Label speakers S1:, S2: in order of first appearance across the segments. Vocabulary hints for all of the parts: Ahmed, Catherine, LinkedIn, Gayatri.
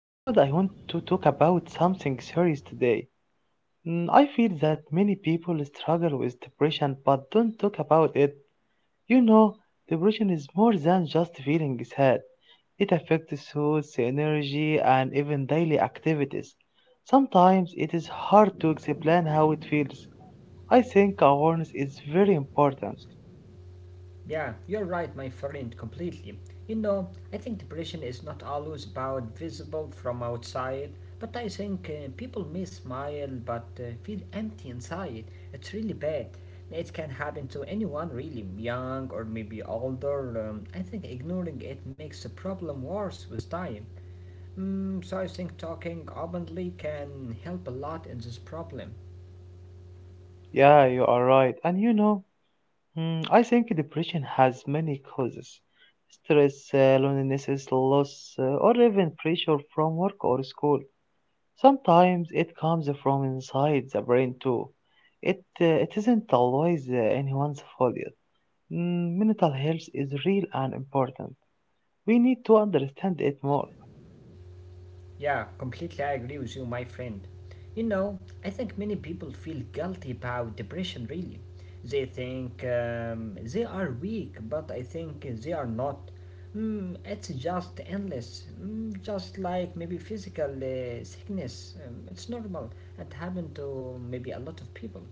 S1: Ahmed, I want to talk about something serious today. I feel that many people struggle with depression but don't talk about it. You know, depression is more than just feeling sad. It affects thoughts, energy, and even daily activities. Sometimes it is hard to explain how it feels. I think awareness is very important.
S2: Yeah, you're right, my friend, completely. You know, I think depression is not always about visible from outside, but I think people may smile but feel empty inside. It's really bad. It can happen to anyone, really, young or maybe older. I think ignoring it makes the problem worse with time. Mm, so I think talking openly can help a lot in this problem.
S1: Yeah, you are right. And you know, I think depression has many causes. Stress, loneliness, loss, or even pressure from work or school. Sometimes it comes from inside the brain too. It isn't always anyone's fault. Mental health is real and important. We need to understand it more.
S2: Yeah, completely I agree with you, my friend. You know, I think many people feel guilty about depression, really. They think they are weak, but I think they are not. Mm, it's just endless, mm, just like maybe physical sickness. It's normal. It happened to maybe a lot of people.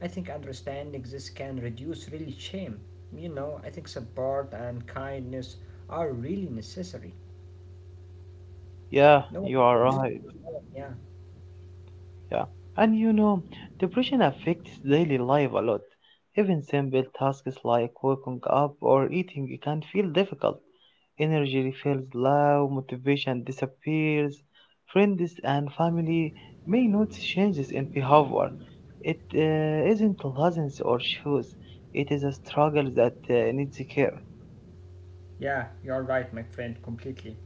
S2: I think understanding this can reduce really shame. You know, I think support and kindness are really necessary.
S1: Yeah,
S2: No
S1: you are
S2: one should feel
S1: right.
S2: alone, yeah.
S1: Yeah, and you know, depression affects daily life a lot. Even simple tasks like waking up or eating can feel difficult. Energy feels low, motivation disappears. Friends and family may notice changes in behavior. It isn't lessons or shoes, it is a struggle that needs care.
S2: Yeah, you're right, my friend, completely.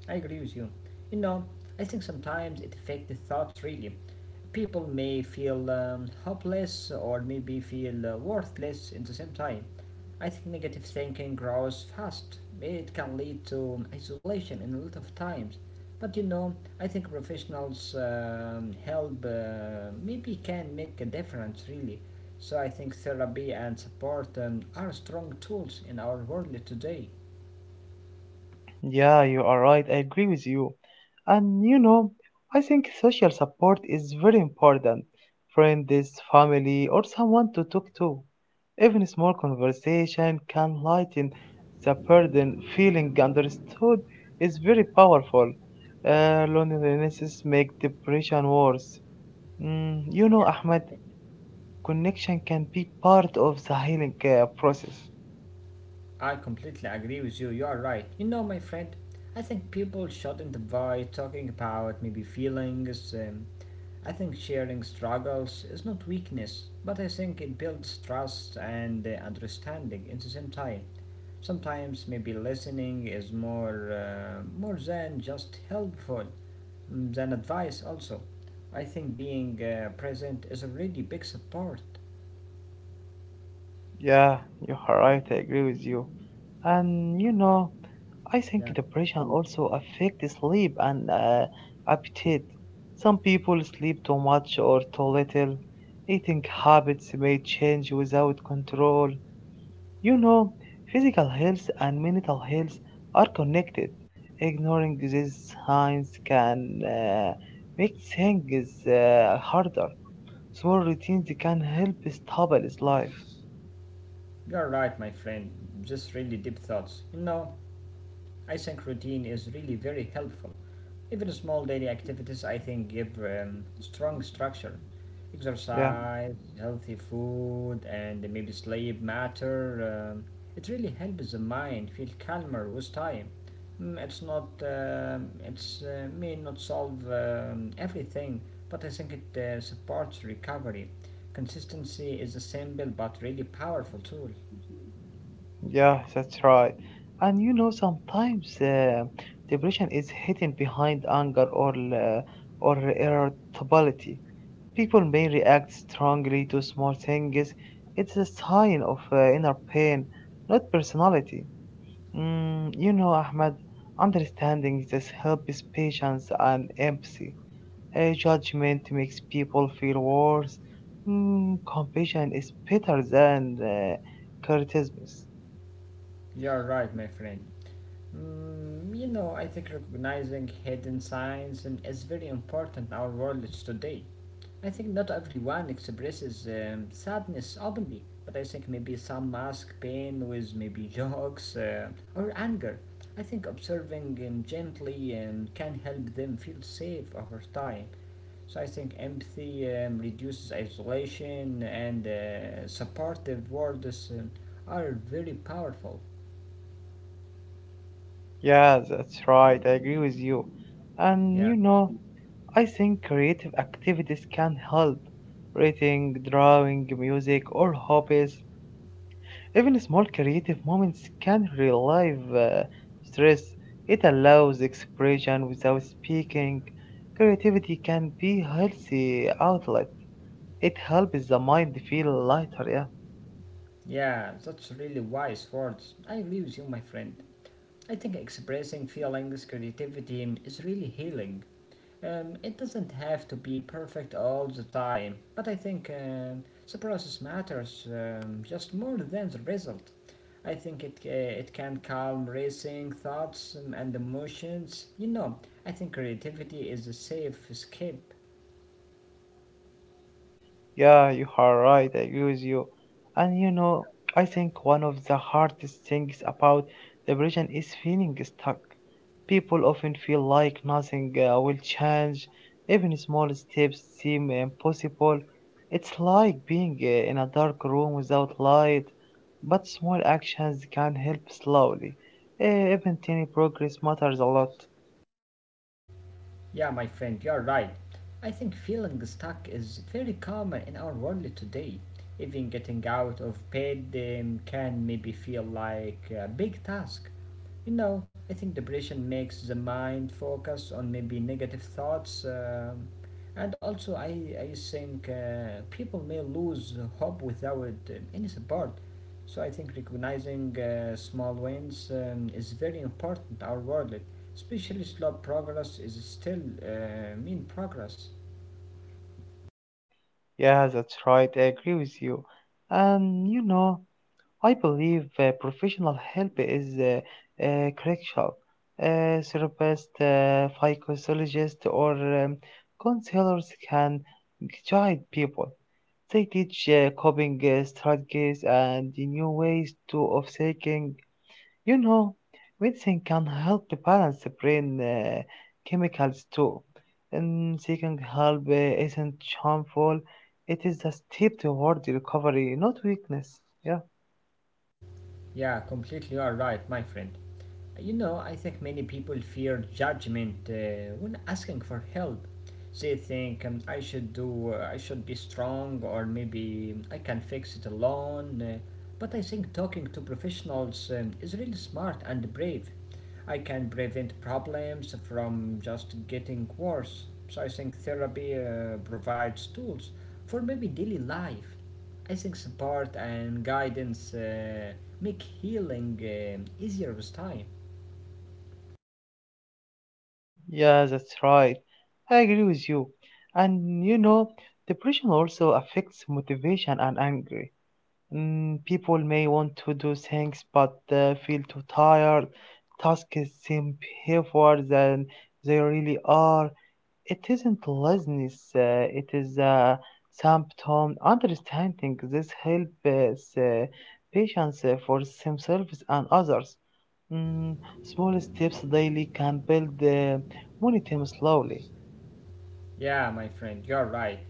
S2: I agree with you. You know, I think sometimes it affects the thoughts really. People may feel hopeless or maybe feel worthless in the same time. I think negative thinking grows fast. It can lead to isolation in a lot of times. But you know, I think professionals' help maybe can make a difference really. So I think therapy and support are strong tools in our world today.
S1: Yeah, you are right. I agree with you. And you know, I think social support is very important. Friends, family, or someone to talk to. Even a small conversation can lighten the burden. Feeling understood is very powerful. Loneliness makes depression worse. You know, Ahmed, connection can be part of the healing process.
S2: I completely agree with you. You are right. You know, my friend, I think people shouldn't avoid talking about maybe feelings. I think sharing struggles is not weakness, but I think it builds trust and understanding at the same time. Sometimes maybe listening is more than just helpful mm, than advice. Also, I think being present is already big support.
S1: Yeah, you are right. I agree with you. And you know, I think
S2: Yeah,
S1: depression also affects sleep and appetite. Some people sleep too much or too little. Eating habits may change without control. You know, physical health and mental health are connected. Ignoring these signs can make things harder. Small routines can help stabilize life.
S2: you're right, my friend. Just really deep thoughts. You know, I think routine is really very helpful. Even small daily activities, I think, give strong structure.
S1: Yeah.
S2: Exercise, healthy food, and maybe sleep matter. It really helps the mind feel calmer with time. Mm, It's not, it's may not solve everything, but I think it supports recovery. Consistency is a simple but really powerful tool.
S1: Yeah, that's right. And you know, sometimes depression is hidden behind anger or or irritability. People may react strongly to small things. It's a sign of inner pain, not personality. You know, Ahmed, understanding this helps patience and empathy. A judgment makes people feel worse. Compassion is better than criticism.
S2: You are right, my friend. Mm, you know, I think recognizing hidden signs is very important in our world today. I think not everyone expresses sadness openly, but I think maybe some mask pain with maybe jokes or anger. I think observing gently can help them feel safe over time. So I think empathy reduces isolation and supportive words are very powerful.
S1: Yeah, that's right. I agree with you. And
S2: Yeah.
S1: you know, I think creative activities can help. Writing, drawing, music, or hobbies. Even small creative moments can relieve stress. It allows expression without speaking. Creativity can be healthy outlet. It helps the mind feel lighter, yeah.
S2: Yeah, that's really wise words. I agree with you, my friend. I think expressing feelings, creativity is really healing. It doesn't have to be perfect all the time, but I think the process matters just more than the result. I think it can calm racing thoughts and emotions. You know, I think creativity is a safe escape.
S1: Yeah, you are right. I agree with you. And you know, I think one of the hardest things about depression is feeling stuck. People often feel like nothing will change, even small steps seem impossible. It's like being in a dark room without light, but small actions can help slowly. Even tiny progress matters a lot.
S2: Yeah, my friend, you're right. I think feeling stuck is very common in our world today. Even getting out of bed can maybe feel like a big task. You know, I think depression makes the mind focus on maybe negative thoughts, and also I think people may lose hope without any support. So I think recognizing small wins is very important. In our world, especially slow progress, is still mean progress.
S1: Yeah, that's right. I agree with you. And you know, I believe professional help is crucial. Therapist, psychologist, or counselors can guide people. They teach coping strategies and new ways to of thinking. You know, medicine can help to balance the brain chemicals too. And seeking help isn't harmful. It is a step toward recovery, not weakness. Yeah.
S2: Yeah, completely you are right, my friend. You know, I think many people fear judgment when asking for help. They think I should be strong, or maybe I can fix it alone. But I think talking to professionals is really smart and brave. I can prevent problems from just getting worse. So I think therapy provides tools for maybe daily life. I think support and guidance make healing easier with time.
S1: Yeah, that's right. I agree with you. And you know, depression also affects motivation and anger. People may want to do things but feel too tired. Tasks seem heavier than they really are. It isn't laziness, it is a symptom. Understanding this helps patients for themselves and others. Mm, small steps daily can build momentum slowly.
S2: Yeah, my friend, you're right.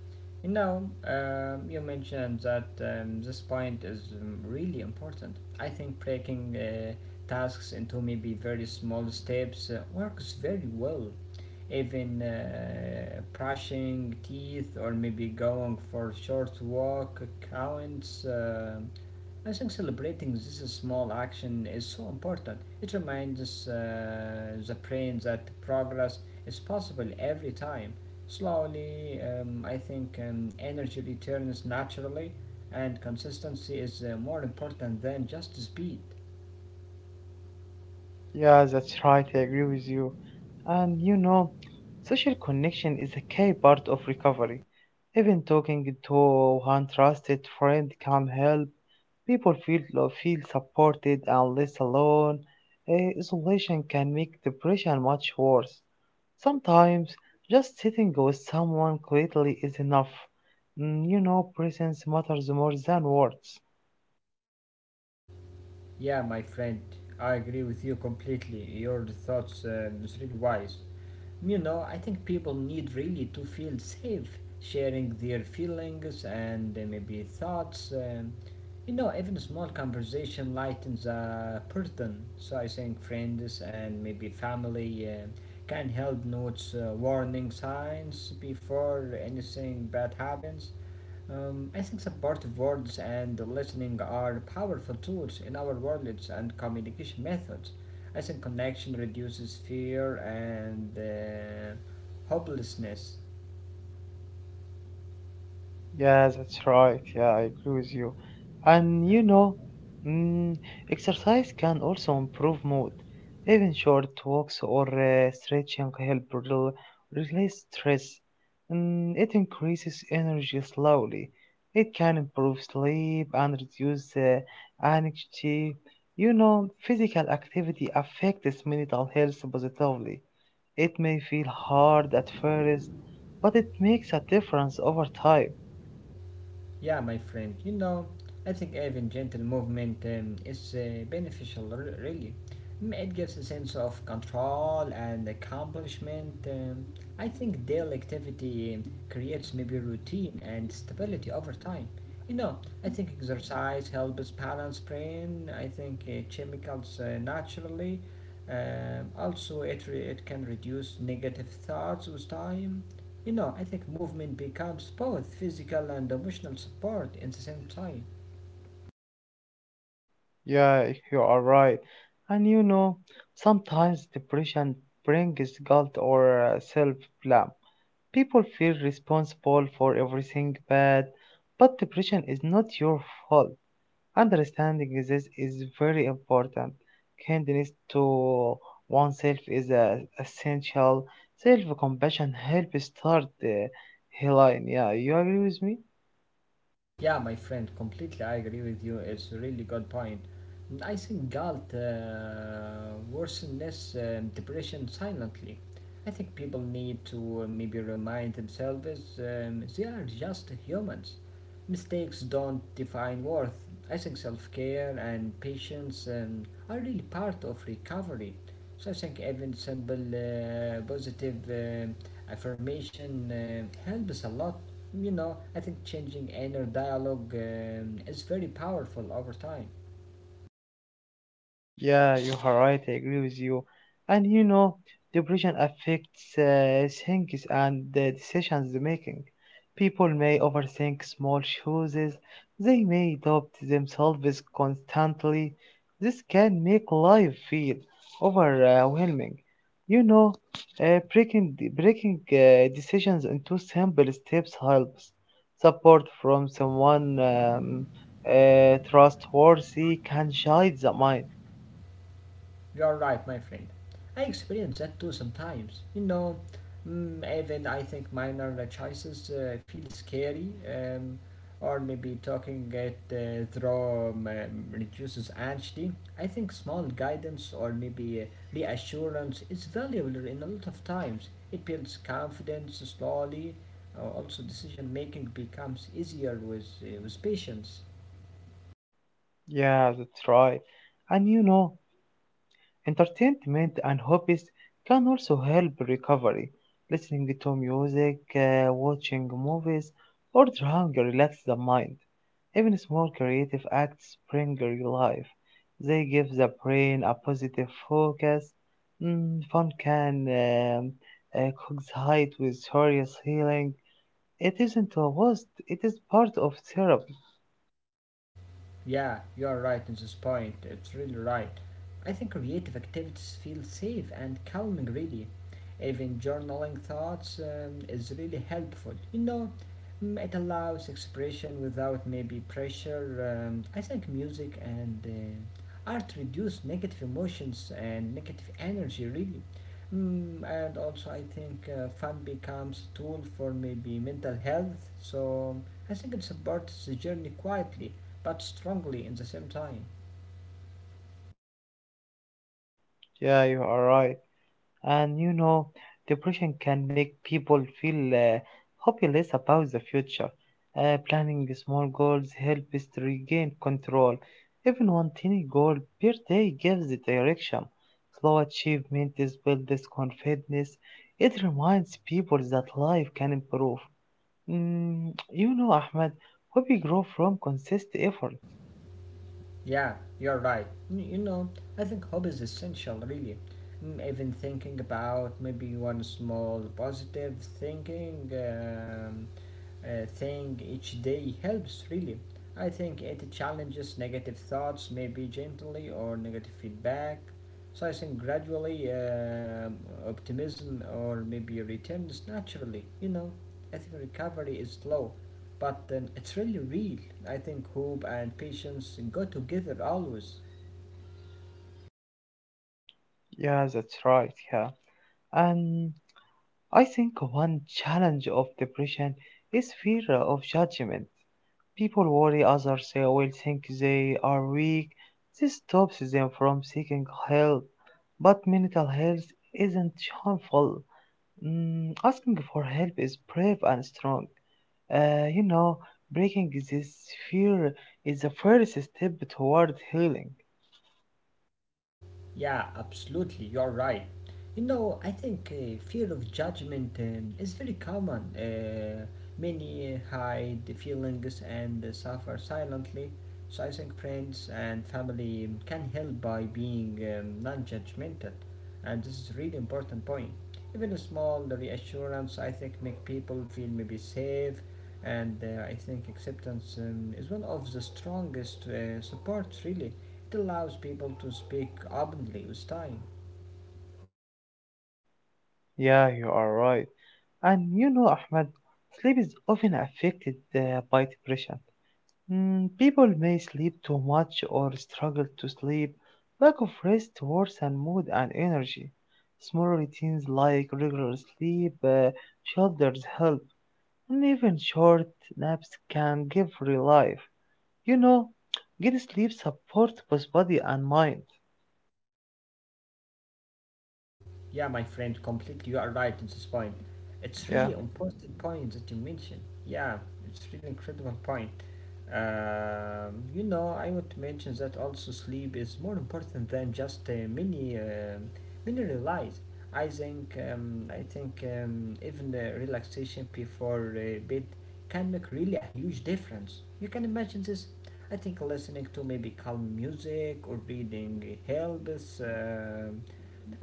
S2: You know, you mentioned that this point is really important. I think breaking tasks into maybe very small steps works very well. Even brushing teeth or maybe going for a short walk counts. I think celebrating this small action is so important. It reminds us, the brain that progress is possible every time. Slowly, I think energy returns naturally, and consistency is more important than just speed.
S1: Yeah, that's right. I agree with you. And you know, social connection is a key part of recovery. Even talking to one trusted friend can help people feel supported and less alone. Isolation can make depression much worse. Sometimes just sitting with someone quietly is enough. You know, presence matters more than words.
S2: Yeah, my friend, I agree with you completely. Your thoughts is really wise. You know, I think people need really to feel safe sharing their feelings and maybe thoughts. You know, even a small conversation lightens a burden. So I think friends and maybe family can help notice warning signs before anything bad happens. I think supportive words and listening are powerful tools in our worlds and communication methods. I think connection reduces fear and hopelessness.
S1: Yeah, that's right. Yeah, I agree with you. And you know, mm, exercise can also improve mood. Even short walks or stretching help release stress. It increases energy slowly. It can improve sleep and reduce anxiety. You know, physical activity affects mental health positively. It may feel hard at first, but it makes a difference over time.
S2: Yeah, my friend, you know, I think even gentle movement is beneficial, really. Mm, it gives a sense of control and accomplishment. I think daily activity creates maybe routine and stability over time. You know, I think exercise helps balance brain. I think chemicals naturally. Also, it can reduce negative thoughts with time. You know, I think movement becomes both physical and emotional support in the same time.
S1: Yeah, you are right. And you know, sometimes depression brings guilt or self blame. People feel responsible for everything bad, but depression is not your fault. Understanding this is very important. Kindness to oneself is essential. Self compassion helps start the healing. Yeah, you agree with me?
S2: Yeah, my friend, completely I agree with you. It's a really good point. And I think guilt worsens depression silently. I think people need to maybe remind themselves they are just humans. Mistakes don't define worth. I think self care and patience are really part of recovery. So I think even simple positive affirmation helps a lot. You know, I think changing inner dialogue is very powerful over time.
S1: Yeah, you are right. I agree with you. And you know, depression affects things and the decisions they making. People may overthink small choices. They may doubt themselves constantly. This can make life feel overwhelming. You know, breaking decisions into simple steps helps. Support from someone trustworthy can guide the mind.
S2: You're right, my friend. I experience that too sometimes. You know, mm, even I think minor choices feel scary, or maybe talking it through reduces anxiety. I think small guidance or maybe reassurance is valuable in a lot of times. It builds confidence slowly. Also, decision making becomes easier with patience.
S1: Yeah, that's right. And you know, entertainment and hobbies can also help recovery. Listening to music, watching movies, or drawing relax the mind. Even small creative acts bring life. They give the brain a positive focus. Fun can coincide with serious healing. It isn't a waste, it is part of therapy.
S2: Yeah, you're right in this point. It's really right. I think creative activities feel safe and calming, really. Even journaling thoughts is really helpful. You know, mm, it allows expression without maybe pressure. I think music and art reduce negative emotions and negative energy, really. Mm, and also, I think fun becomes a tool for maybe mental health. So I think it supports the journey quietly but strongly in the same time.
S1: Yeah, you are right. And you know, depression can make people feel hopeless about the future. Planning small goals helps us to regain control. Even one tiny goal per day gives the direction. Slow achievement is built this confidence. It reminds people that life can improve. You know, Ahmed, hobby grow from consistent effort.
S2: Yeah, you're right. You know, I think hope is essential, really. Mm, even thinking about maybe one small positive thinking. Thing each day helps really. I think it challenges negative thoughts, maybe gently or negative feedback. So I think gradually optimism or maybe returns naturally. You know, I think recovery is slow, but it's really real. I think hope and patience go together always.
S1: Yeah, that's right. Yeah, and I think one challenge of depression is fear of judgment. People worry others will think they are weak. This stops them from seeking help. But mental health isn't harmful. Asking for help is brave and strong. You know, breaking this fear is the first step toward healing.
S2: Yeah, absolutely, you're right. You know, I think fear of judgment is very common. Many hide the feelings and suffer silently. So I think friends and family can help by being non judgmental. And this is a really important point. Even a small reassurance, I think, make people feel maybe safe and I think acceptance is one of the strongest supports, really. It allows people to speak openly with time.
S1: Yeah, you are right. And you know, Ahmed, sleep is often affected by depression. People may sleep too much or struggle to sleep. Lack of rest worsen mood and energy. Small routines like regular sleep, shelters help, and even short naps can give relief. You know, good sleep supports both body and mind.
S2: Yeah, my friend, completely. You are right at this point. It's
S1: Yeah,
S2: really important point that you mentioned. Yeah, it's really incredible point. You know, I want to mention that also sleep is more important than just many realize. I think even relaxation before bed can make really a huge difference. You can imagine this. I think listening to maybe calm music or reading helps.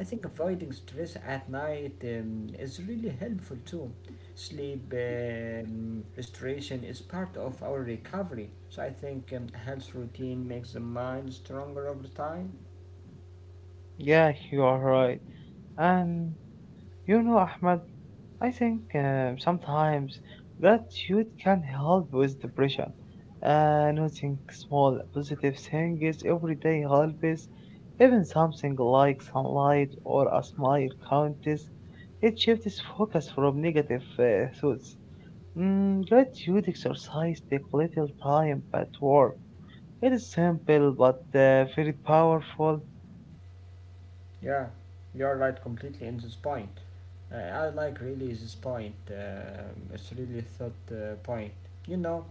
S2: I think avoiding stress at night is really helpful too. Sleep restoration is part of our recovery, so I think a health routine makes the mind stronger over time.
S1: yeah, you are right. And you know, Ahmed. I think sometimes gratitude can help with depression. Noticing small positive things every day helps. Even something like sunlight or a smile counts. It shifts focus from negative thoughts. Gratitude exercise take little time but work. It is simple but very powerful.
S2: Yeah, you're right completely in this point. I like really this point. It's really thought point. You know,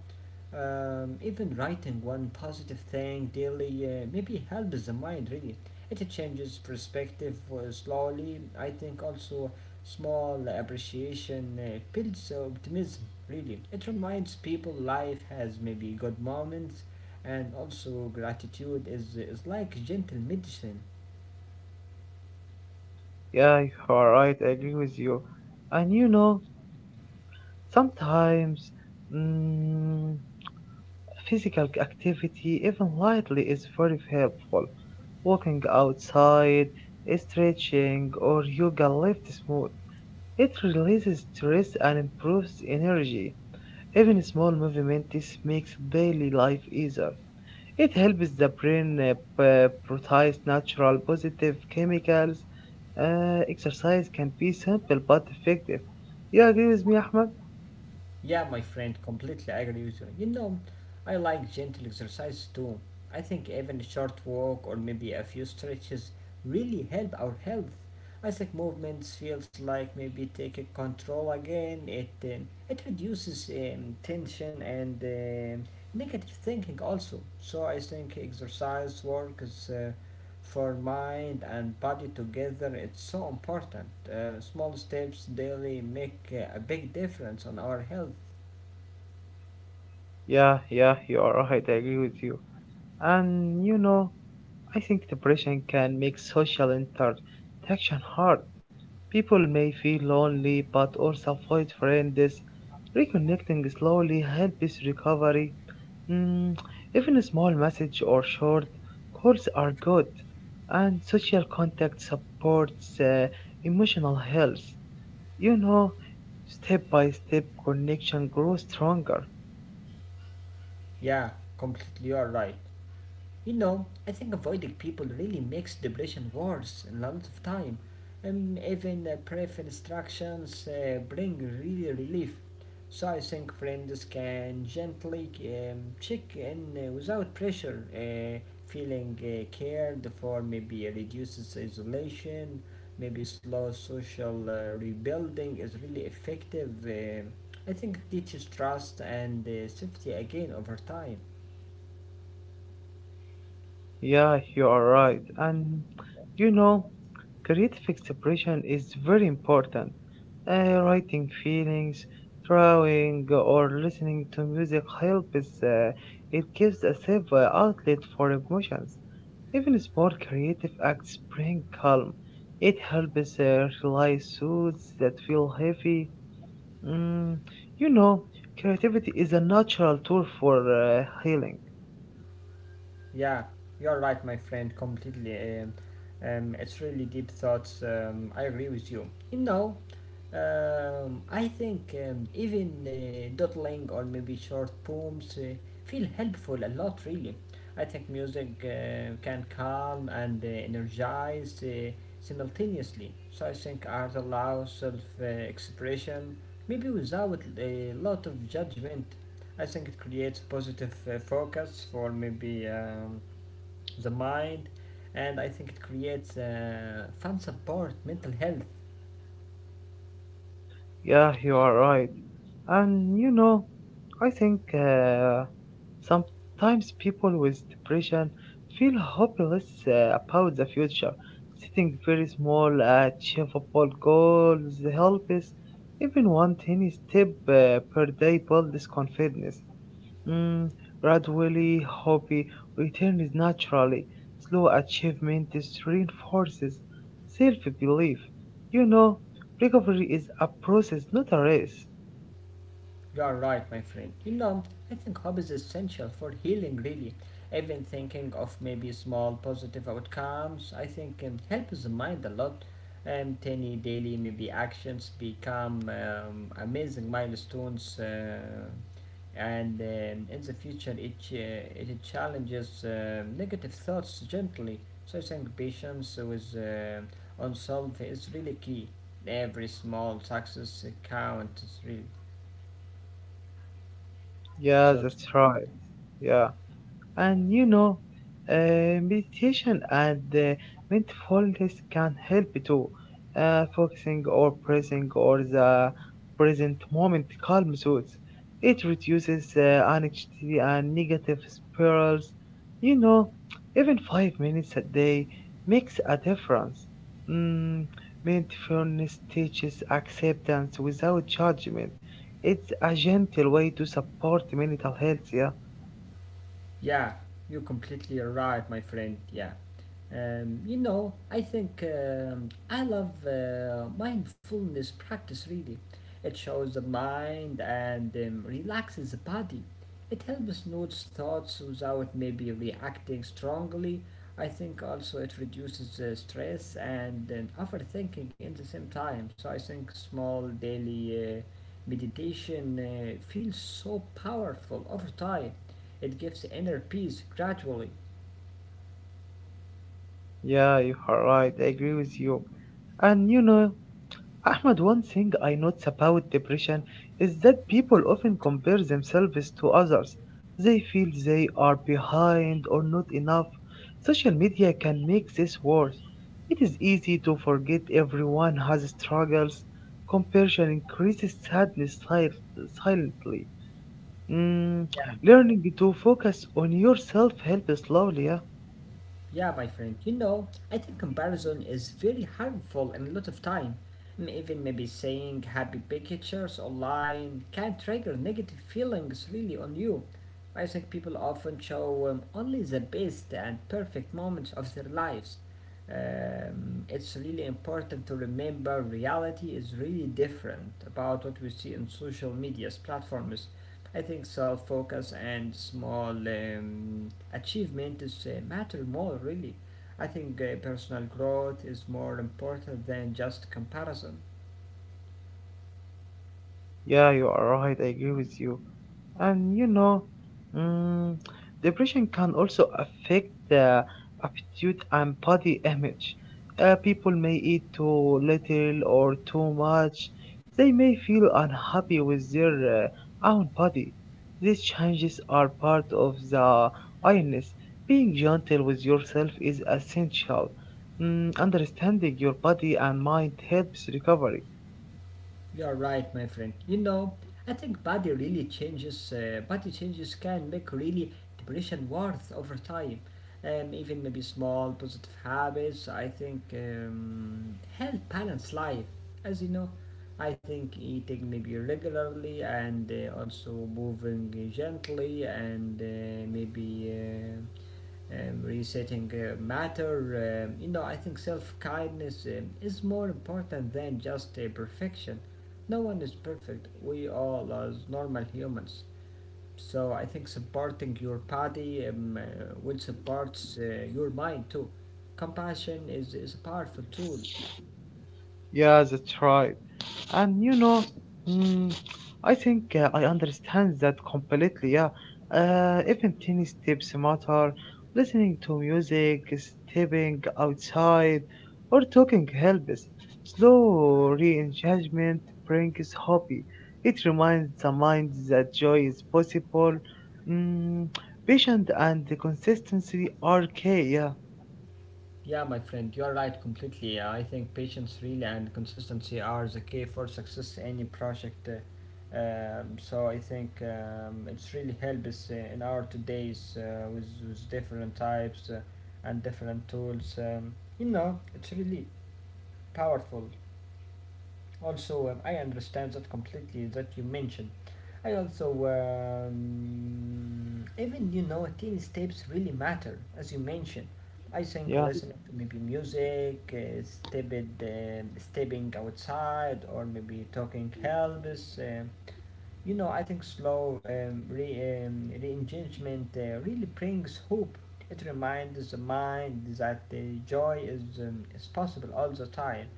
S2: Even writing one positive thing daily maybe helps the mind really. It changes perspective slowly. I think also small appreciation builds optimism really. It reminds people life has maybe good moments and also gratitude is like gentle medicine.
S1: Yeah, you are right. I agree with you. And you know, sometimes mm, physical activity, even lightly, is very helpful. Walking outside, stretching, or yoga lifts mood. It releases stress and improves energy. Even small movements makes daily life easier. It helps the brain prioritize natural positive chemicals. Exercise can be simple but effective. You agree with me, Ahmed?
S2: Yeah, my friend, completely agree with you. You know, I like gentle exercise too. I think even a short walk or maybe a few stretches really help our health. I think movements feels like maybe taking control again. It reduces tension and negative thinking also. So I think exercise work is for mind and body together it's so important, small steps daily make a big difference on our health.
S1: Yeah, yeah, you are right. I agree with you. And you know, I think depression can make social interaction hard. People may feel lonely but also avoid friends. Reconnecting slowly helps recovery. Mm, even a small message or short calls are good. And social contact supports emotional health. You know, step by step connection grows stronger.
S2: Yeah, completely, you're right. You know, I think avoiding people really makes depression worse in lots of time. Even brief instructions bring really relief. So I think friends can gently check in without pressure. Feeling cared for maybe reduces isolation. Maybe slow social rebuilding is really effective. I think it teaches trust and safety again over time.
S1: Yeah, you are right. And you know, creative expression is very important. Writing feelings, drawing, or listening to music helps. It gives a safe outlet for emotions. Even small creative acts bring calm. It helps release suits that feel heavy. Mm, you know, creativity is a natural tool for healing.
S2: Yeah, you're right, my friend, completely. It's really deep thoughts. I agree with you. You know, I think even doodling or maybe short poems feel helpful a lot, really. I think music can calm and energize simultaneously. So I think art allows self expression, maybe without a lot of judgment. I think it creates positive focus for maybe the mind, and I think it creates fun support, mental health.
S1: Yeah, you are right. And you know, I think sometimes people with depression feel hopeless about the future. Setting very small, achievable goals helps. Even one tiny step per day builds confidence. Mm, gradually, hobby returns naturally. Slow achievement is reinforces self-belief. You know, recovery is a process, not a race.
S2: You are right, my friend. You know, I think hope is essential for healing, really. Even thinking of maybe small positive outcomes, I think helps the mind a lot. Tiny daily maybe actions become amazing milestones, and in the future, it challenges negative thoughts gently. So I think patience with unsolved is really key. Every small success counts, really.
S1: Yeah,
S2: So
S1: that's right. Yeah. And you know, meditation and mindfulness can help too. Focusing or present or the present moment calms us. It reduces anxiety and negative spirals. You know, even 5 minutes a day makes a difference. Mm, mindfulness teaches acceptance without judgment. It's a gentle way to support mental health. Yeah.
S2: yeah, you're completely right, my friend. Yeah. You know, I think I love mindfulness practice really. It shows the mind and relaxes the body. It helps notice thoughts without maybe reacting strongly. I think also it reduces stress and overthinking in the same time. So I think small daily meditation feels so powerful over time. It gives inner peace gradually.
S1: Yeah, you are right. I agree with you. And you know, Ahmed, one thing I notice about depression is that people often compare themselves to others. They feel they are behind or not enough. Social media can make this worse. It is easy to forget everyone has struggles. Comparison increases sadness silently. Mm, learning to focus on yourself helps slowly. Yeah?
S2: Yeah, my friend, you know, I think comparison is very harmful and a lot of time. Even maybe saying happy pictures online can trigger negative feelings really on you. I think people often show only the best and perfect moments of their lives. It's really important to remember reality is really different about what we see in social media's platforms. I think self focus and small achievement is matter more really. I think personal growth is more important than just comparison.
S1: Yeah, you are right. I agree with you. And you know, mm, depression can also affect the aptitude and body image. People may eat too little or too much. They may feel unhappy with their own body. These changes are part of the illness. Being gentle with yourself is essential. Understanding your body and mind helps recovery.
S2: You're right, my friend. You know, I think body really changes. Body changes can make really depression worth over time. Even maybe small positive habits. I think help balance life. As you know, I think eating maybe regularly and also moving gently and maybe. Resetting matter. You know, I think self kindness is more important than just perfection. No one is perfect. We all are normal humans. So I think supporting your body, which supports your mind too. Compassion is a powerful tool.
S1: Yeah, that's right. And you know, mm, I think I understand that completely. Yeah, even tiny steps matter. Listening to music, stepping outside, or talking helps. Slow re-engagement brings happy. It reminds the mind that joy is possible. Mm, patience and consistency are key. Yeah,
S2: Yeah, my friend, you're right completely. I think patience, really, and consistency are the key for success in any project. So I think it's really helps us in our today's with different types and different tools. You know, it's really powerful. Also, I understand that completely that you mentioned. I also even you know teen steps really matter, as you mentioned. I think
S1: yeah,
S2: listening to maybe music, uh, stepping outside, or maybe talking helps. You know, I think slow re-engagement really brings hope. It reminds the mind that joy is possible all the time.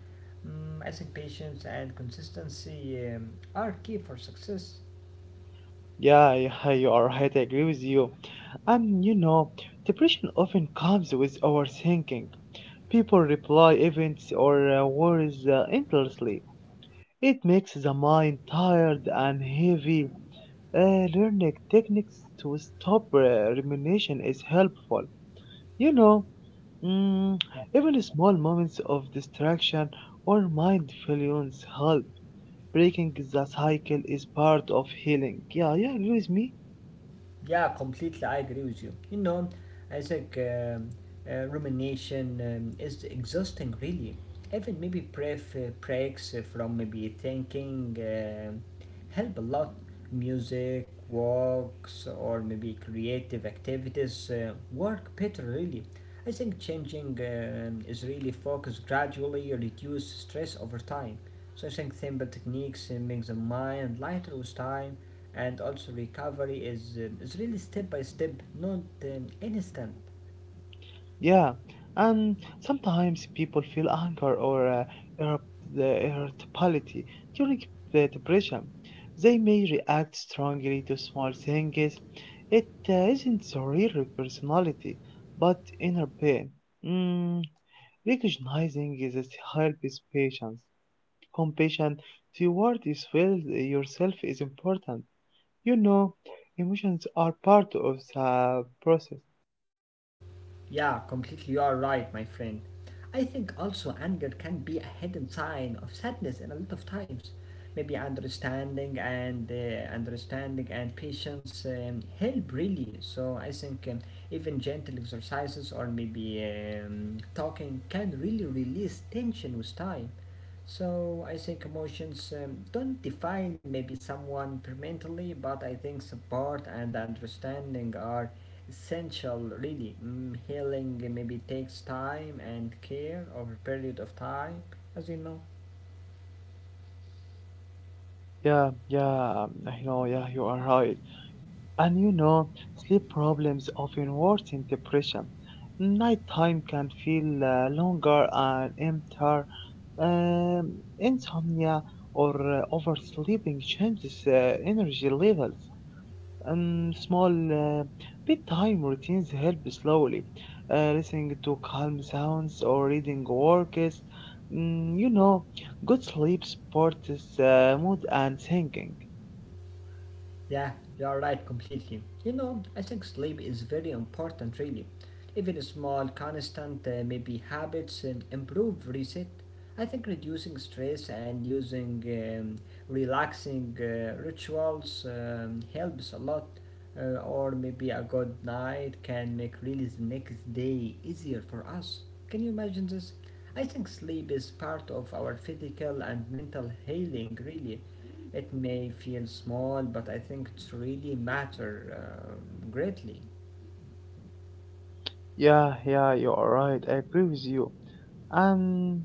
S2: Mm, I think patience and consistency are key for success.
S1: yeah, yeah. You are right. I agree with you. And depression often comes with overthinking. People reply events or worries endlessly. It makes the mind tired and heavy. Learning techniques to stop rumination is helpful. You know, mm, even small moments of distraction or mindfulness help. Breaking the cycle is part of healing. Yeah, yeah, agree with me.
S2: Yeah, completely. I agree with you. You know, I think rumination is exhausting, really. Even maybe brief breaks from maybe thinking help a lot. Music, walks, or maybe creative activities work better, really. I think changing is really focus gradually, reduce stress over time. So I think simple techniques make the mind lighter with time, and also recovery is really step by step, not instant.
S1: Yeah, and sometimes people feel anger or irritability during the depression. They may react strongly to small things. It isn't the real personality, but inner pain. Mm, recognizing this helps patience. Compassion toward is well yourself is important. You know, emotions are part of the process.
S2: Yeah, completely. You are right, my friend. I think also anger can be a hidden sign of sadness in a lot of times. Maybe understanding and patience help really. So I think even gentle exercises or maybe talking can really release tension with time. So I think emotions don't define maybe someone permanently, but I think support and understanding are essential really. Mm, healing maybe takes time and care over a period of time, as you know.
S1: Yeah, yeah, I know, yeah, you are right. And sleep problems often worsen depression. Nighttime can feel longer and emptier. Insomnia or oversleeping changes energy levels. Small bedtime routines help slowly. Listening to calm sounds or reading works. Mm, you know, good sleep supports mood and thinking.
S2: Yeah, you're right completely. You know, I think sleep is very important, really. Even small, constant, maybe habits and improve reset. I think reducing stress and using relaxing rituals helps a lot. Or maybe a good night can make really the next day easier for us. Can you imagine this? I think sleep is part of our physical and mental healing, really. It may feel small, but I think it really matters greatly.
S1: Yeah, yeah, you're right. I agree with you. And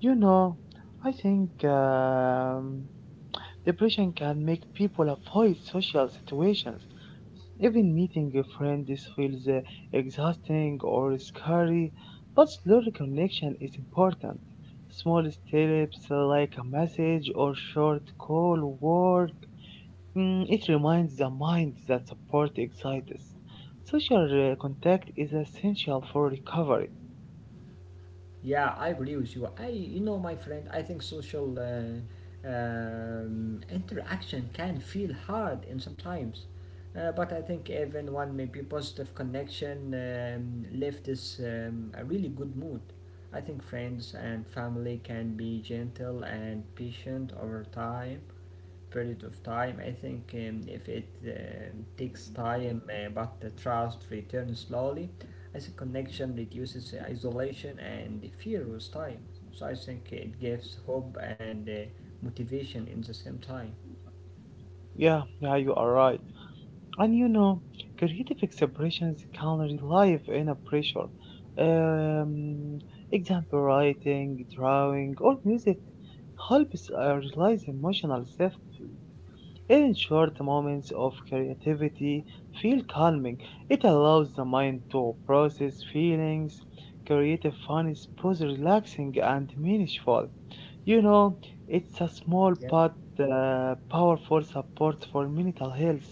S1: you know, I think depression can make people avoid social situations. Even meeting a friend this feels exhausting or scary, but slow reconnection is important. Small steps like a message or short call work. It reminds the mind that support exists. Social contact is essential for recovery.
S2: Yeah, I agree with you. You know, my friend, I think social interaction can feel hard in sometimes, but I think even one maybe positive connection left is a really good mood. I think friends and family can be gentle and patient over time, period of time. I think if it takes time, but the trust returns slowly. As a connection reduces isolation and fear with time. So I think it gives hope and motivation in the same time.
S1: Yeah, yeah, you are right. And creative expressions can relieve inner pressure. Um, example writing, drawing, or music helps realize emotional self in short, moments of creativity feel calming. It allows the mind to process feelings. Creative fun is both relaxing and meaningful. You know, it's a small
S2: Yeah,
S1: but powerful support for mental health.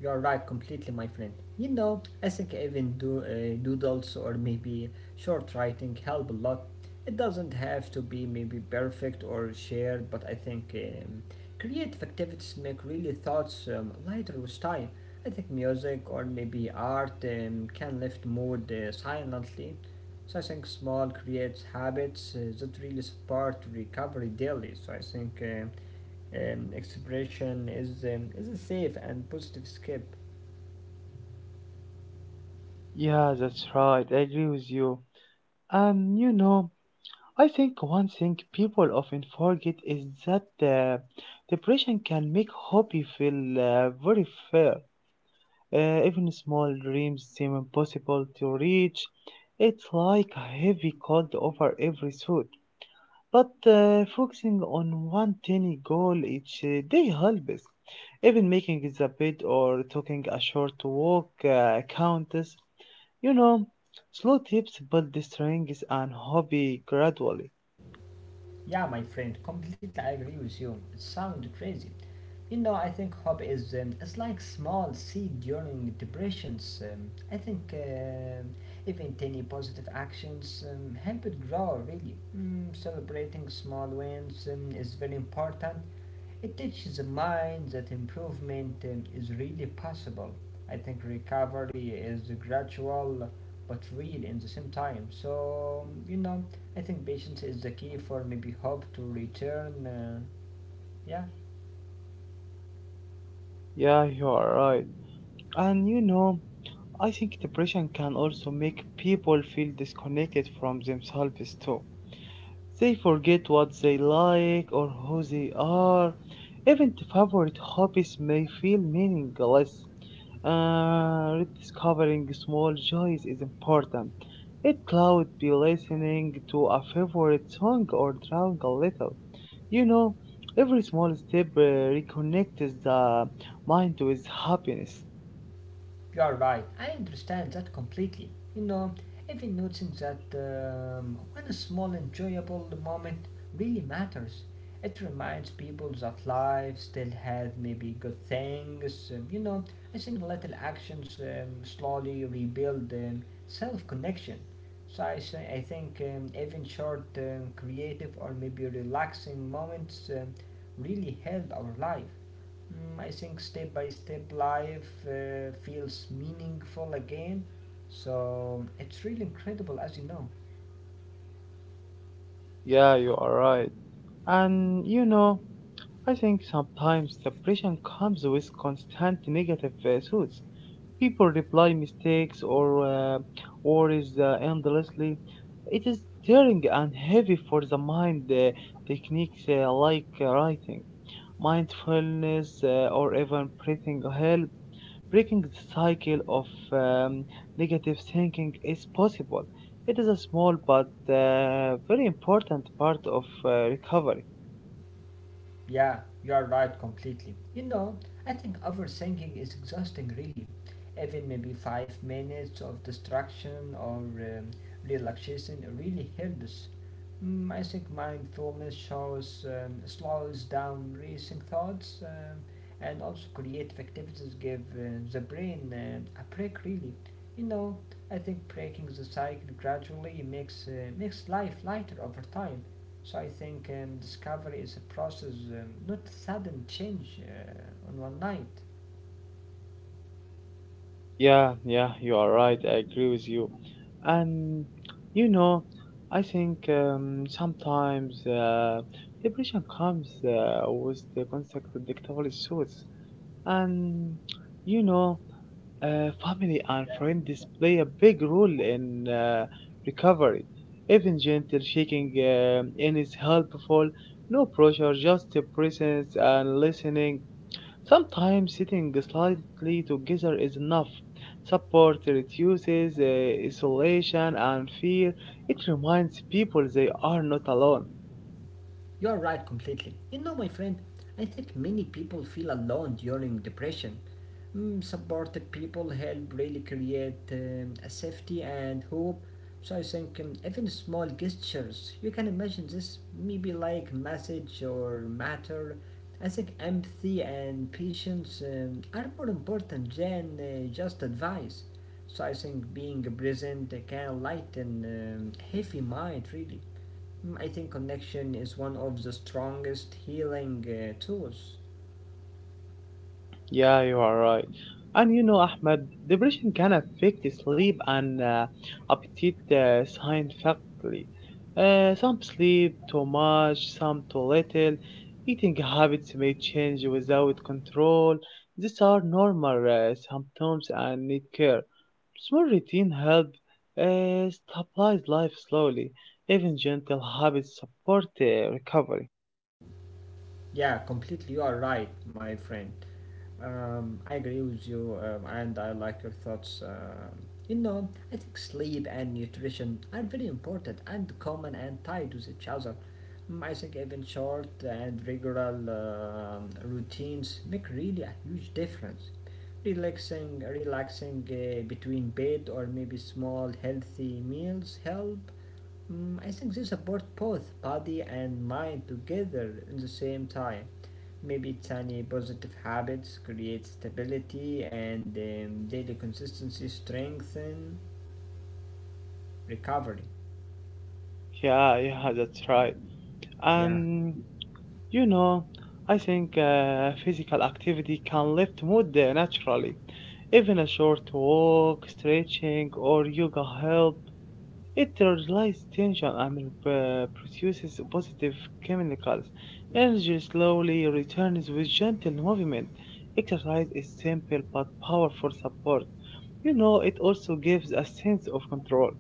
S2: you're right, completely, my friend. You know, I think even do doodles or maybe short writing help a lot. It doesn't have to be maybe perfect or shared, but I think creative activities make really thoughts lighter with time. I think music or maybe art can lift mood silently. So I think small creative habits that really support recovery daily. So I think. Expression is a safe and positive escape.
S1: Yeah, that's right. I agree with you. And I think one thing people often forget is that depression can make hobby feel very fair. Even small dreams seem impossible to reach. It's like a heavy cloud over every thought. But focusing on one tiny goal each day helps. Even making the bed or taking a short walk counts. You know, slow tips build the strength and hobby gradually.
S2: Yeah, my friend, completely I agree with you. It sounds crazy. You know, I think hope is it's like small seed during depressions. I think even tiny positive actions help it grow. Really, mm, celebrating small wins is very important. It teaches the mind that improvement is really possible. I think recovery is gradual but real in the same time. So, you know, I think patience is the key for maybe hope to return. Yeah.
S1: Yeah, you are right. And I think depression can also make people feel disconnected from themselves too. They forget what they like or who they are. Even the favorite hobbies may feel meaningless. Rediscovering small joys is important. It could be listening to a favorite song or drawing a little. You know, every small step reconnects the mind with happiness.
S2: You're right, I understand that completely. You know, even noticing that when a small enjoyable moment really matters, it reminds people that life still has maybe good things. You know, I think little actions slowly rebuild self connection. So, I think even short, creative, or maybe relaxing moments really help our life. Mm, I think step by step life feels meaningful again. So it's really incredible, as you know.
S1: Yeah, you are right. And I think sometimes the pressure comes with constant negative thoughts. People reply mistakes or worries endlessly. It is tiring and heavy for the mind. Techniques like writing, mindfulness, or even breathing help. Breaking the cycle of um, negative thinking is possible. It is a small but very important part of recovery.
S2: Yeah, you are right completely. You know, I think overthinking is exhausting, really. Even maybe 5 minutes of distraction or relaxation really helps. Mm, I think mindfulness shows slows down racing thoughts and also creative activities give the brain a break, really. You know, I think breaking the cycle gradually makes life lighter over time. So I think discovery is a process, not sudden change on one night.
S1: Yeah, yeah, you are right. I agree with you. And you know, I think sometimes depression comes with the concept of dictatorial suits. And you know, family and friends play a big role in recovery. Even gentle shaking in is helpful. No pressure, just the presence and listening. Sometimes sitting slightly together is enough. Support reduces isolation and fear. It reminds people they are not alone.
S2: You are right completely. You know, my friend, I think many people feel alone during depression. Mm, supported people help really create a safety and hope. So I think even small gestures, you can imagine this, maybe like message or matter. I think empathy and patience are more important than just advice. So I think being present can lighten heavy mind really. Mm, I think connection is one of the strongest healing tools.
S1: Yeah, you are right. And Ahmed, depression can affect sleep and appetite scientifically. Some sleep too much, some too little. Eating habits may change without control. These are normal symptoms and need care. Small routine help stabilize life slowly. Even gentle habits support recovery.
S2: Yeah, completely. You are right, my friend. I agree with you, and I like your thoughts. You know, I think sleep and nutrition are very important and common and tied with each other. Mm, I think even short and regular routines make really a huge difference. Relaxing between bed or maybe small healthy meals help. Mm, I think they support both body and mind together in the same time. Maybe tiny positive habits create stability and daily consistency strengthen recovery.
S1: Yeah, yeah, that's right.
S2: Yeah.
S1: And You know, I think physical activity can lift mood naturally. Even a short walk, stretching, or yoga help. It releases tension and produces positive chemicals. Energy slowly returns with gentle movement. Exercise is simple but powerful support. It also gives a sense of control.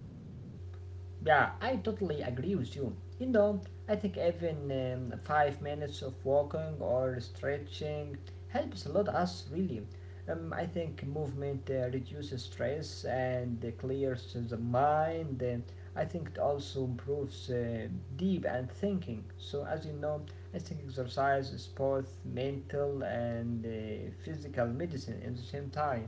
S2: Yeah, I totally agree with you. You know, I think even 5 minutes of walking or stretching helps a lot us really. I think movement reduces stress and clears the mind. I think it also improves deep and thinking. So as you know, I think exercise is both mental and physical medicine at the same time.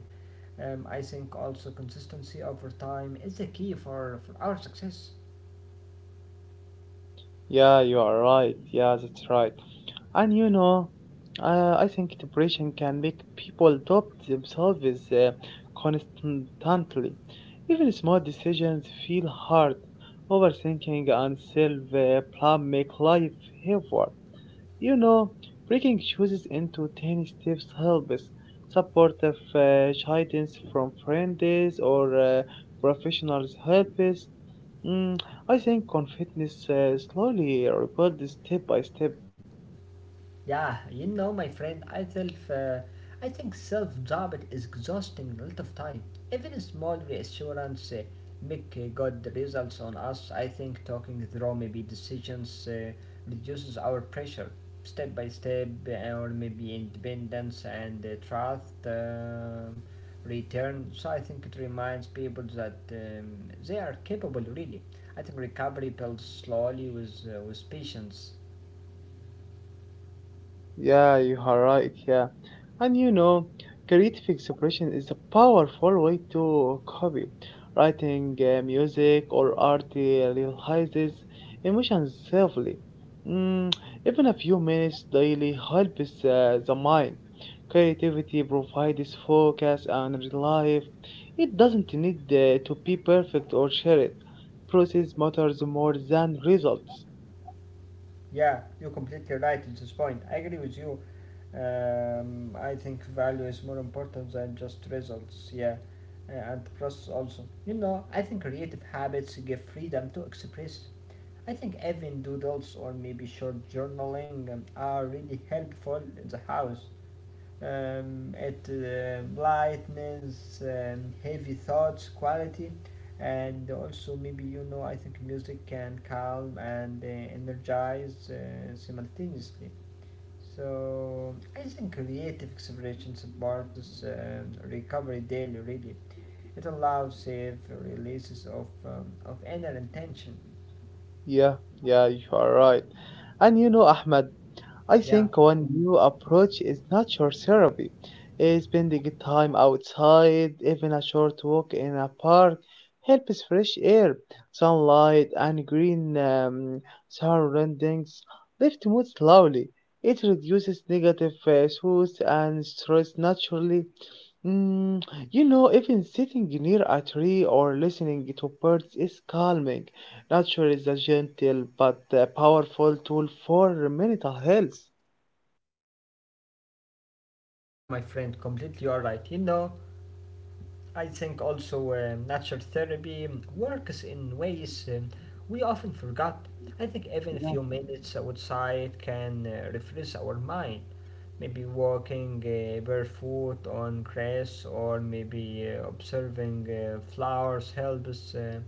S2: I think also consistency over time is the key for our success.
S1: Yeah, you are right. Yeah, that's right. And I think depression can make people doubt themselves uh, constantly. Even small decisions feel hard. Overthinking and self blame make life heavier. You know, breaking choices into tiny steps helps. Supportive guidance from friends or professionals helps. Mm, I think confidence slowly rebuilds step by step.
S2: Yeah, you know, my friend, I think self-doubt is exhausting a lot of time. Even a small reassurance make good results on us. I think talking through maybe decisions reduces our pressure, step by step, or maybe independence and trust return. So I think it reminds people that they are capable. Really, I think recovery builds slowly with patience.
S1: Yeah, you are right. Yeah. And creative expression is a powerful way to copy. Writing music or art realizes emotions safely. Mm, even a few minutes daily helps the mind. Creativity provides focus and relief. It doesn't need to be perfect or shared. Process matters more than results.
S2: Yeah, you're completely right at this point. I agree with you. I think value is more important than just results, yeah, and process also. You know, I think creative habits give freedom to express. I think even doodles or maybe short journaling are really helpful in the house at lightness and heavy thoughts quality, and also maybe, you know, I think music can calm and energize simultaneously. So I think creative expression supports recovery daily really. It allows safe releases of inner intention.
S1: Yeah, yeah, you are right. And Ahmed. I think
S2: Yeah,
S1: one new approach is nature therapy. Spending time outside, even a short walk in a park, helps fresh air, sunlight, and green surroundings lift mood slowly. It reduces negative thoughts and stress naturally. Mm, even sitting near a tree or listening to birds is calming. Nature is a gentle but a powerful tool for mental health.
S2: yeah, my friend, completely all right. You know, I think also natural therapy works in ways we often forgot. I think even a
S1: Yeah.
S2: few minutes outside can refresh our mind. Maybe walking barefoot on grass or maybe observing flowers helps. Uh,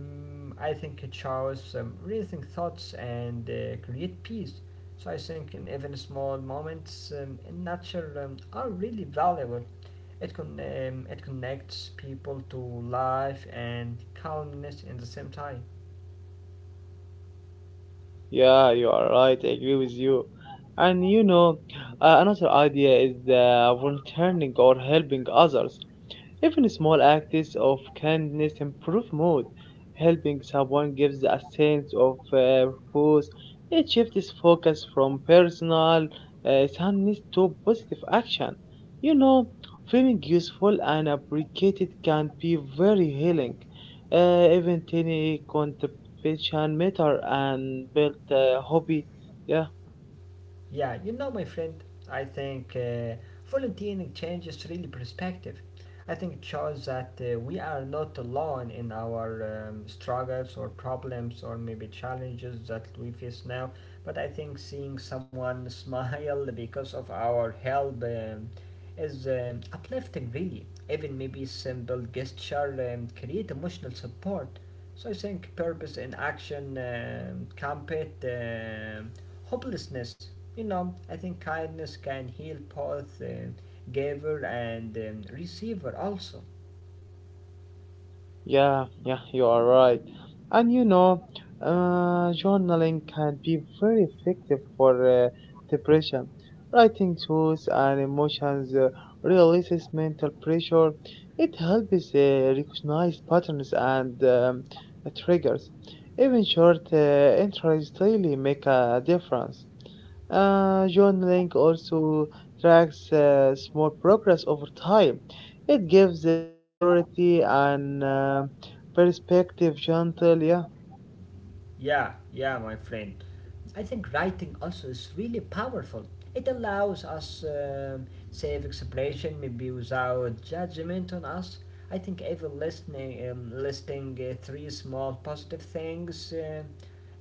S2: mm, I think it shows rethink thoughts and create peace. So I think in even small moments in nature are really valuable. It connects people to life and calmness in the same time.
S1: Yeah, you are right. I agree with you. And another idea is volunteering or helping others. Even small acts of kindness improve mood. Helping someone gives a sense of purpose. It shifts focus from personal sadness to positive action. You know, feeling useful and appreciated can be very healing. Even tiny contribution matter and build hobby. Yeah.
S2: Yeah, you know, my friend, I think volunteering changes really perspective. I think it shows that we are not alone in our struggles or problems or maybe challenges that we face now. But I think seeing someone smile because of our help is uplifting, really. Even maybe simple gesture create emotional support. So I think purpose in action combat hopelessness. You know, I think kindness can heal both giver and receiver also.
S1: Yeah, yeah, you are right. And journaling can be very effective for depression. Writing thoughts and emotions releases mental pressure. It helps recognize patterns and triggers. Even short entries daily make a difference. Journaling also tracks small progress over time. It gives clarity and perspective, gentle. Yeah,
S2: Yeah, yeah, my friend. I think writing also is really powerful. It allows us safe expression, maybe without judgment on us. I think even listing three small positive things, uh,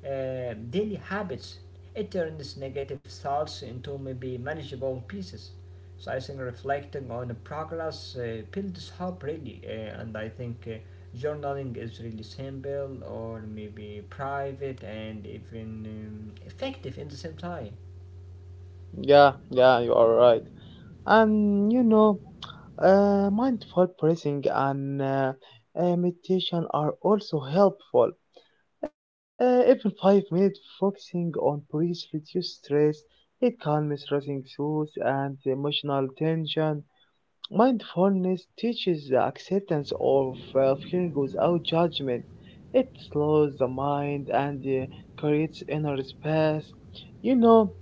S2: uh, daily habits, it turns negative thoughts into maybe manageable pieces. So I think reflecting on progress builds hope really, and I think journaling is really simple or maybe private and even effective in the same time.
S1: yeah, yeah. You are right. And mindful breathing and meditation are also helpful. Even 5 minutes focusing on breath reduces stress. It calms racing thoughts and emotional tension. Mindfulness teaches the acceptance of feeling without judgment. It slows the mind and creates inner space. You know,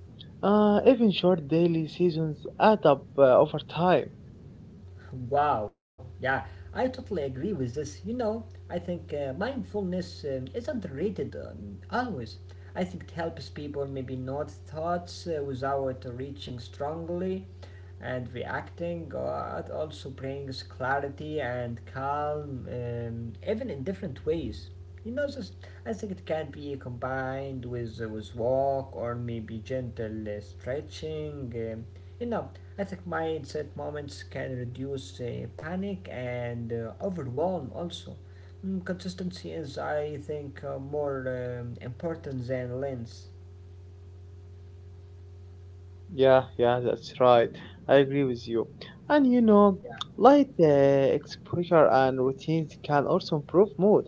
S1: even short daily seasons add up over time.
S2: Wow, yeah, I totally agree with this. You know, I think mindfulness is underrated always. I think it helps people maybe note thoughts without reaching strongly and reacting. It also brings clarity and calm, even in different ways. You know, this, I think it can be combined with walk or maybe gentle stretching. You know, I think mindset moments can reduce panic and overwhelm also. Mm, consistency is, I think, more important than lens.
S1: Yeah, yeah, that's right. I agree with you. And
S2: Yeah.
S1: light exposure and routines can also improve mood.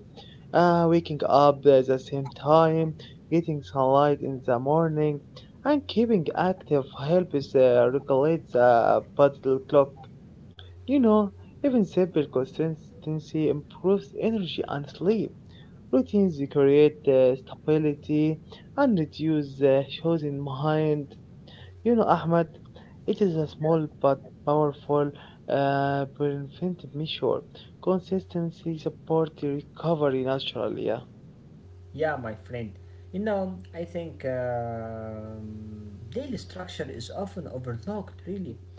S1: Waking up at the same time, getting sunlight in the morning, and keeping active helps regulate the body clock. You know, even simple consistency improves energy and sleep. Routines create stability and reduce the shows in mind. Ahmed, it is a small but powerful preventive measure. Consistency supports the recovery naturally. Yeah.
S2: Yeah, my friend. You know, I think daily structure is often overlooked, really.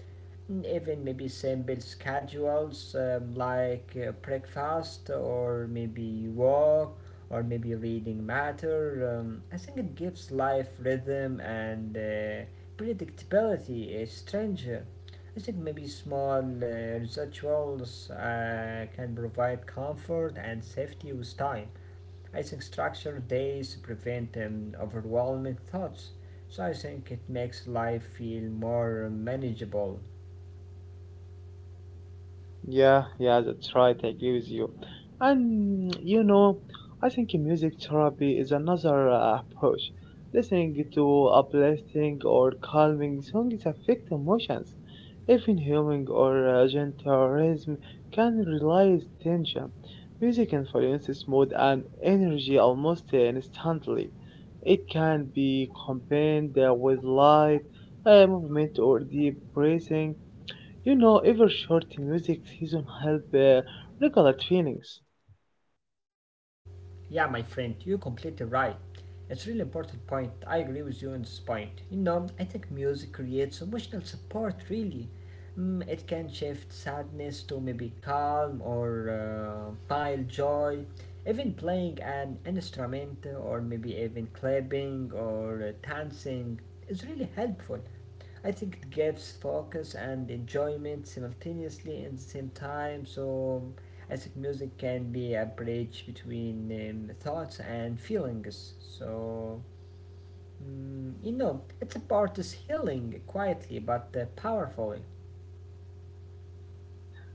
S2: Even maybe simple schedules like breakfast or maybe walk or maybe reading matter. I think it gives life rhythm and predictability a stranger. I think maybe small rituals can provide comfort and safety with time. I think structured days prevent overwhelming thoughts. So I think it makes life feel more manageable.
S1: Yeah, yeah, that's right. I agree with you. And I think music therapy is another approach. Listening to uplifting or calming songs affect emotions. Even humming or gentle rhythm can release tension. Music influences mood and energy almost instantly. It can be combined with light movement or deep breathing. Every short music season help regulate feelings.
S2: Yeah, my friend, you're completely right. It's a really important point. I agree with you on this point. You know, I think music creates emotional support, really. Mm, it can shift sadness to maybe calm or mild joy. Even playing an instrument or maybe even clapping or dancing is really helpful. I think it gives focus and enjoyment simultaneously in the same time. So I think music can be a bridge between thoughts and feelings. So mm, you know, it's a part is healing quietly but powerfully.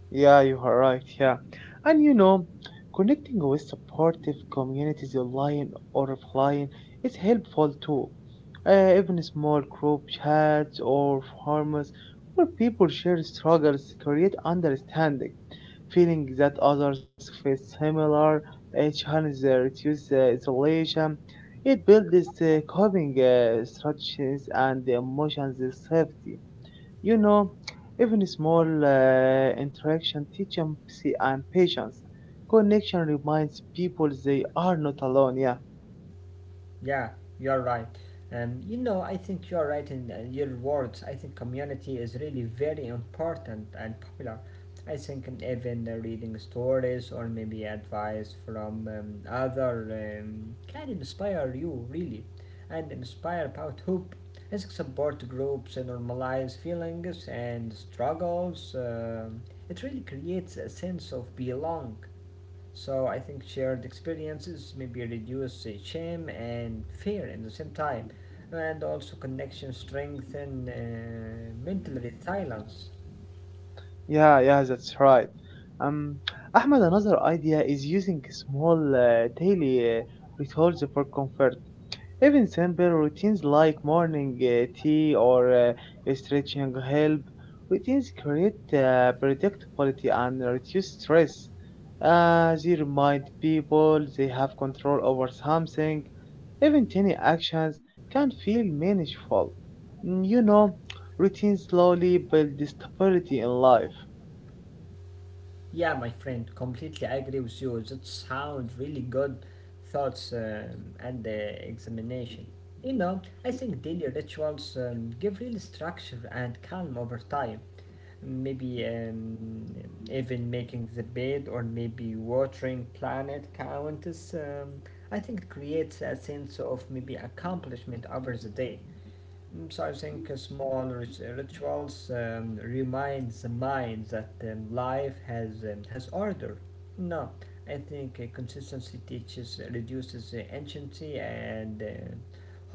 S1: Yeah, you are right. Yeah. And connecting with supportive communities online or offline is helpful too. Even small group chats or forums where people share struggles create understanding. Feeling that others face similar challenges reduce isolation. It builds coping strategies and emotions of safety. You know, even small interaction teaches empathy and patience. Connection reminds people they are not alone. Yeah,
S2: Yeah, you're right. You know, I think you're right in your words. I think community is really very important and popular. I think even reading stories or maybe advice from other can inspire you really, and inspire about hope. I think support groups and normalize feelings and struggles. It really creates a sense of belong. So I think shared experiences maybe reduce shame and fear in the same time, and also connection strengthen mental resilience.
S1: yeah, yeah, that's right. Um, Ahmed, another idea is using small daily rituals for comfort. Even simple routines like morning tea or stretching help. Routines create predictability and reduce stress. They remind people they have control over something. Even tiny actions can feel meaningful. Mm, You know, routines slowly build stability in life.
S2: Yeah, my friend, completely agree with you. That sounds really good thoughts and examination. You know, I think daily rituals give real structure and calm over time. Maybe even making the bed or maybe watering planet countess. I think it creates a sense of maybe accomplishment over the day. Mm, so I think small rituals reminds the mind that life has order. No, I think consistency teaches reduces anxiety and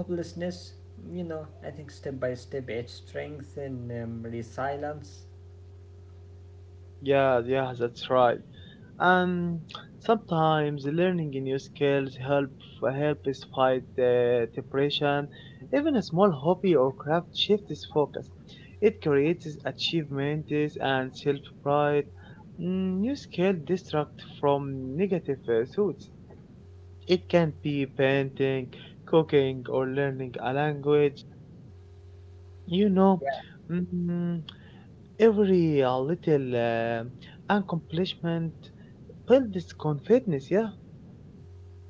S2: hopelessness. You know, I think step by step it strengthens resilience.
S1: Yeah, yeah, that's right. And sometimes learning new skills help us fight depression. Even a small hobby or craft shifts focus. It creates achievements and self pride. New skill distract from negative thoughts. It can be painting, cooking, or learning a language. You know. mm, Every little accomplishment builds confidence, yeah.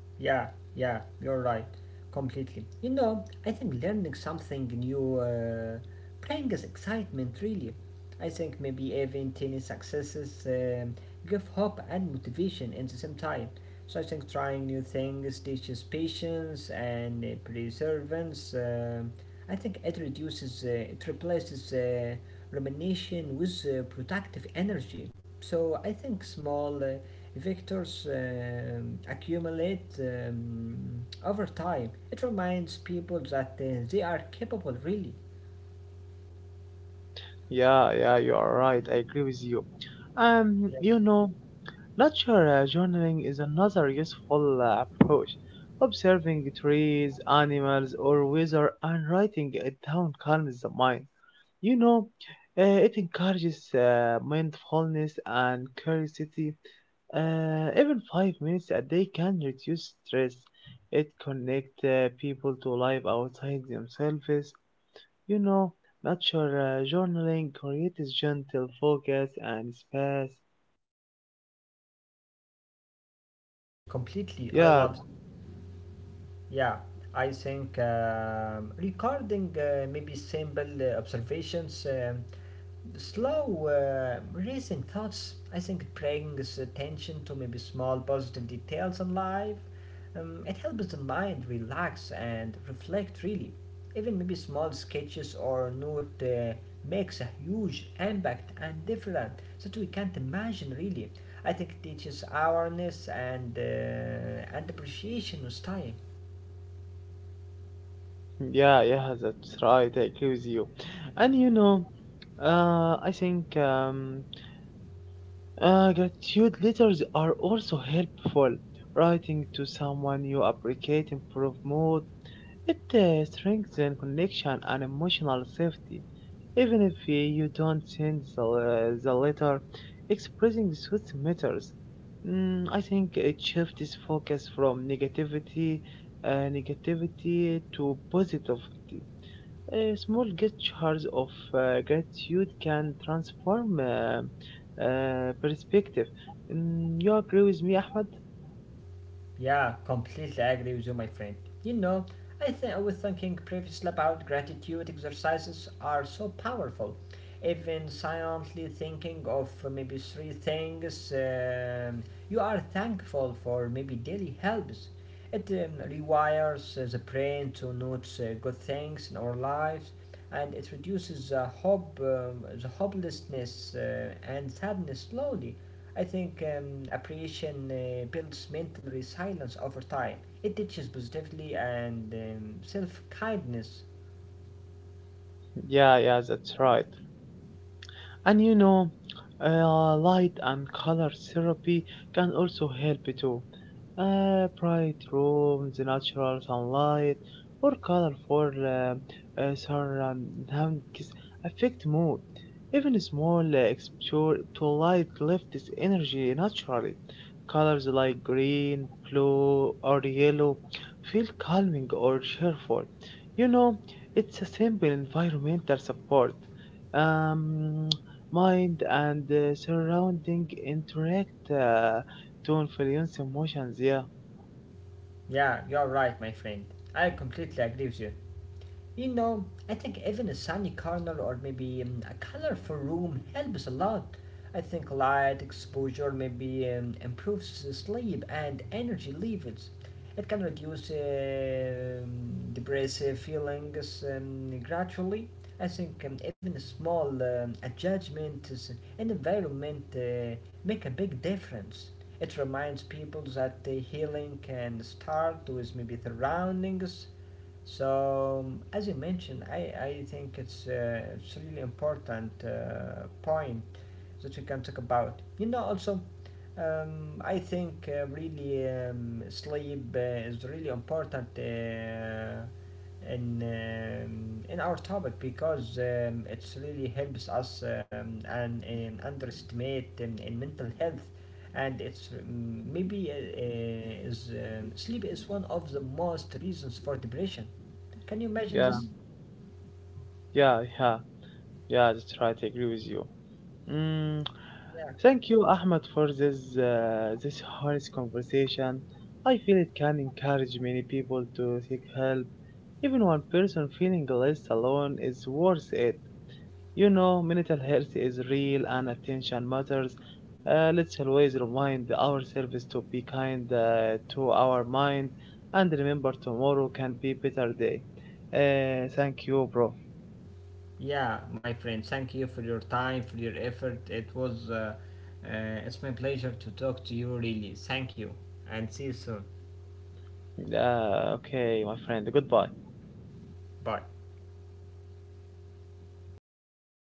S2: Yeah, yeah, you're right, completely. You know, I think learning something new brings excitement, really. I think maybe even tiny successes give hope and motivation at the same time. So I think trying new things teaches patience and perseverance. I think it replaces rumination with productive energy. So I think small vectors accumulate over time. It reminds people that they are capable, really.
S1: Yeah, yeah, you are right. I agree with you.
S2: Yeah.
S1: Um, you know, nature journaling is another useful approach. Observing trees, animals, or weather and writing it down calms the mind. You know, it encourages mindfulness and curiosity. Even 5 minutes a day can reduce stress. It connect people to life outside themselves. You know, nature journaling creates gentle focus and space.
S2: Yeah, my friend, completely. I
S1: Yeah,
S2: love. Yeah, I think regarding maybe simple observations, slow racing thoughts, I think it brings attention to maybe small positive details in life. It helps the mind relax and reflect really. Even maybe small sketches or note makes a huge impact and different that we can't imagine really. I think it teaches awareness and and appreciation with time.
S1: yeah, yeah, that's right. I agree with you. And I think gratitude letters are also helpful. Writing to someone you appreciate improve mood. It strengthens connection and emotional safety. Even if you don't send the letter, expressing truth matters. I think it shifts focus from negativity to positivity. Small gestures of gratitude can transform perspective. You agree with me, Ahmed?
S2: Yeah, completely agree with you, my friend. You know, I think I was thinking previously about gratitude exercises are so powerful. Even silently thinking of maybe three things you are thankful for maybe daily helps. It rewires the brain to notice good things in our lives, and it reduces the hope, the hopelessness and sadness slowly. I think appreciation builds mental resilience over time. It teaches positivity and self kindness.
S1: Yeah, yeah, that's right. And light and color therapy can also help too. Bright rooms, natural sunlight, or colorful surroundings affect mood. Even small exposure to light lifts energy naturally. Colors like green, blue, or yellow feel calming or cheerful. You know, it's a simple environmental support. Um, mind and surrounding interact to influence emotions. Yeah,
S2: Yeah, you're right, my friend. I completely agree with you. You know, I think even a sunny corner or maybe a colorful room helps a lot. I think light exposure maybe improves sleep and energy levels. It can reduce depressive feelings gradually. I think even a small adjustments in environment make a big difference. It reminds people that the healing can start with maybe surroundings. So, as you mentioned, I think it's really important point that we can talk about. You know, also, I think really sleep is really important in our topic because it's really helps us and underestimate in mental health, and it's mm, maybe is sleep is one of the most reasons for depression. Can you
S1: yeah,
S2: imagine this?
S1: yeah, yeah, yeah. That's right. I agree with you. Mm,
S2: Yeah.
S1: thank you, Ahmed, for this honest conversation. I feel it can encourage many people to seek help. Even one person feeling less alone is worth it. Mental health is real and attention matters. Let's always remind ourselves to be kind to our mind and remember tomorrow can be better day. Thank you, bro.
S2: Yeah, my friend, thank you for your time, for your effort. It was, it's my pleasure to talk to you, really. Thank you, and see you soon.
S1: Okay, my friend. Goodbye.
S2: Bye.